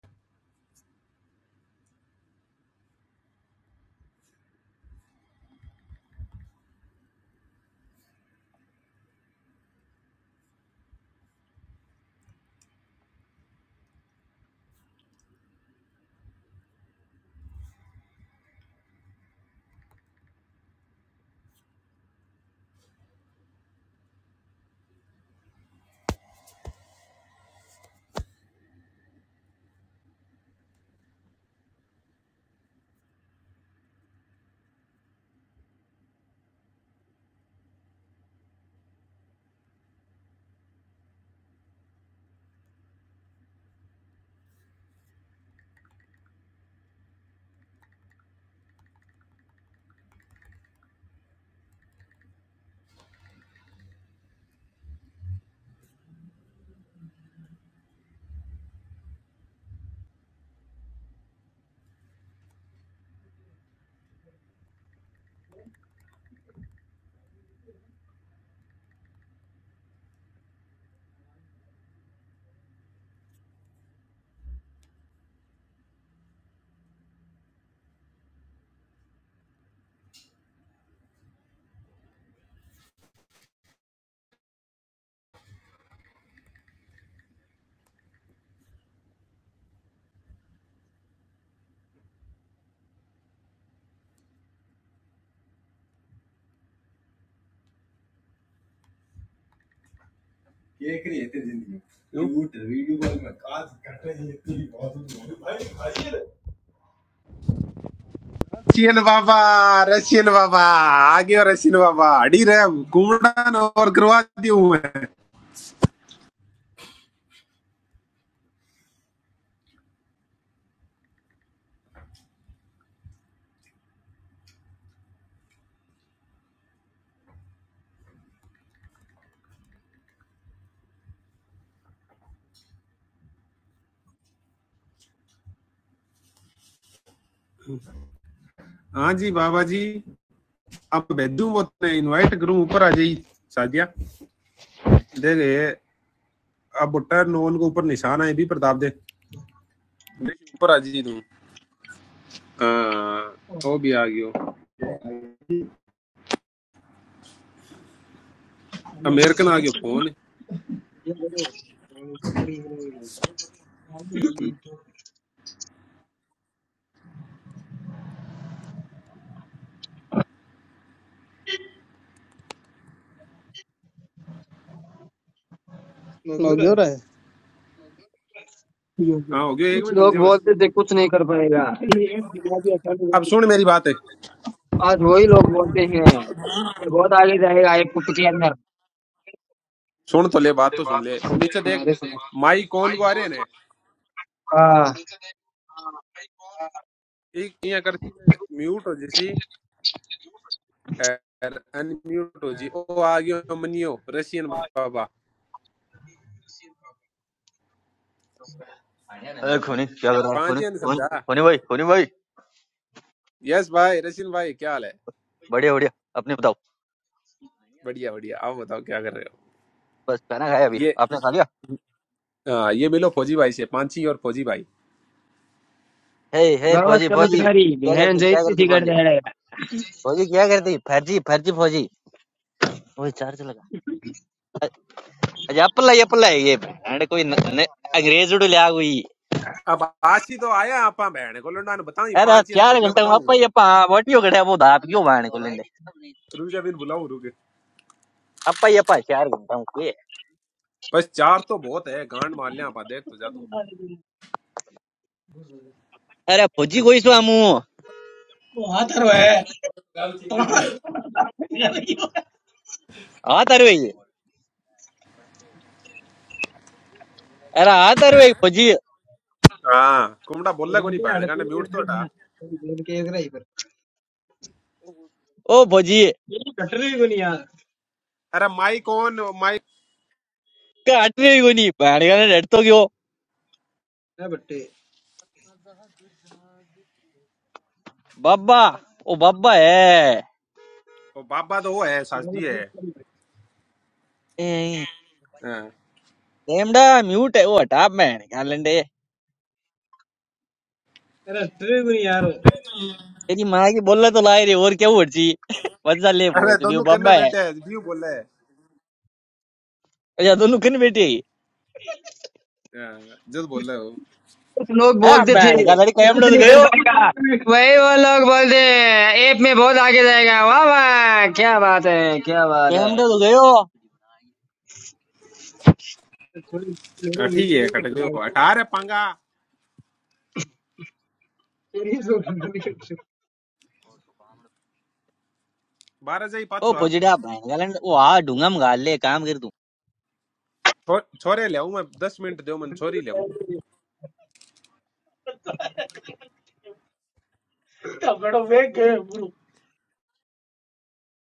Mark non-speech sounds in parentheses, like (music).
Cake नहीं येते जिंदगी क्यों? झूठ वीडियो कॉल में काज कट रही है इतनी बहुत दूर। भाई भाई ये- रशियन बाबा रशियन बाबा आगे और रशियन बाबा अड़ी रहे हम कुमड़न और करवाती हूँ मैं हाँ जी बाबा जी अब भेजू वो इनवाइट करूँ ऊपर आ जाइए सादिया देख ये अब बुट्टा नोन के ऊपर निशान है भी प्रताप दे देख, ऊपर आ जाइए तुम हाँ वो भी आ गयो अमेरिकन आ गयो फोन नौगी हो रहा है ठीक है, हाँ हो ठीक गयो एक कुछ मिनट रुक लोग लोग जा बस बोलते बोलते थे थे कुछ कुछ नहीं नहीं कर कर पाएगा पाएगा (laughs) है। ये एक बुनियादी अब अकाउंट है। सुन मेरी बात है आज आज वही वही लोग लोग बोलते बोलते हैं हैं कि बहुत वोट आ आगे ही जाएगा जाएगा आज एक तो कुत्ते के टिकट में अंदर सुन तो ले बात तो सुन ले नीचे देख हमारे माई कॉल को आ रहे ने से हाँ एक यहाँ करती म्यूट हो जैसी अनम्यूट हो जी ओ आ गयो मनियो रशियन बाबा अरे खोनी क्या कर रहा है खोनी पांचे ने खोनी समझा खोनी भाई खोनी भाई यस भाई रशियन भाई क्या हाल है बढ़िया बढ़िया अपने बताओ बढ़िया बढ़िया आप बताओ क्या कर रहे बस खाना खाया हो अभी ये आपने खा लिया हाँ ये मिलो फौजी भाई से पांची और फौजी भाई हे हे गलत फौजी फौजी चमत्कारी क्या बहन करती क्या जैसी करती थी कर फौजी जाएगा फौजी क्या करती फर्जी फर्जी फौजी ओए चार्ज लगा अरे अप्पला ये अप्पला है ये अरे कोई न, न, अंग्रेज उड़ लिया हुई अब आज ही तो आया आप बहन को लंडा ने बताऊं ये अरे पांच ये स्कूल चार ने घंटा में बताऊं अप्पा ये पा वाटियो कटे वो दाप क्यों बाणे को लेने रुक जा बिन बुलाऊं रुके अप्पा ये पा चार घंटा में कोई बस चार तो बहुत है गांड मार लिया आप देख तो जा अरे फौजी कोई सो हमू तू आ तारे अरे आ तारे फौजी हाँ कुमड़ा बोलला कोनी बैंड गाने म्यूट तो हटा ओ फौजी अरे माई कौन माई काट रही कोनी बाणे का डर तो क्यों? बब्बा ओ बब्बा है ओ बाबा तो वो है सासजी है ए, हाँ। रेमडा म्यूट है वो हटा मैं गालंडे तेरी माँ की बोला तो लाई रे और क्या उड़ची मजा ले अरे पूछ रही दोनों करने बब्बा है बैठे हैं व्यू बोल रहे हैं अच्छा दोनों किन बेटी है हाँ, जस बोल रहे हो कुछ लोग ए, बोलते थे बैन का लड़ी कैमडो तो नहीं कर गयो पाएगा वही वो लोग बोलते हैं ऐप में बहुत आगे जाएगा वाह वाह क्या बात है क्या बात है कैमडो तो गयो हाँ, ठीक है कट गयो अठारह पंगा बारह से ही ओ पाछो आ। फुजड़ा बैन गालंडे वो आ ढूंगा में गाल ले काम कर तू छो, छोरे ले आऊं मैं दस मिनट दो मन छोरी ले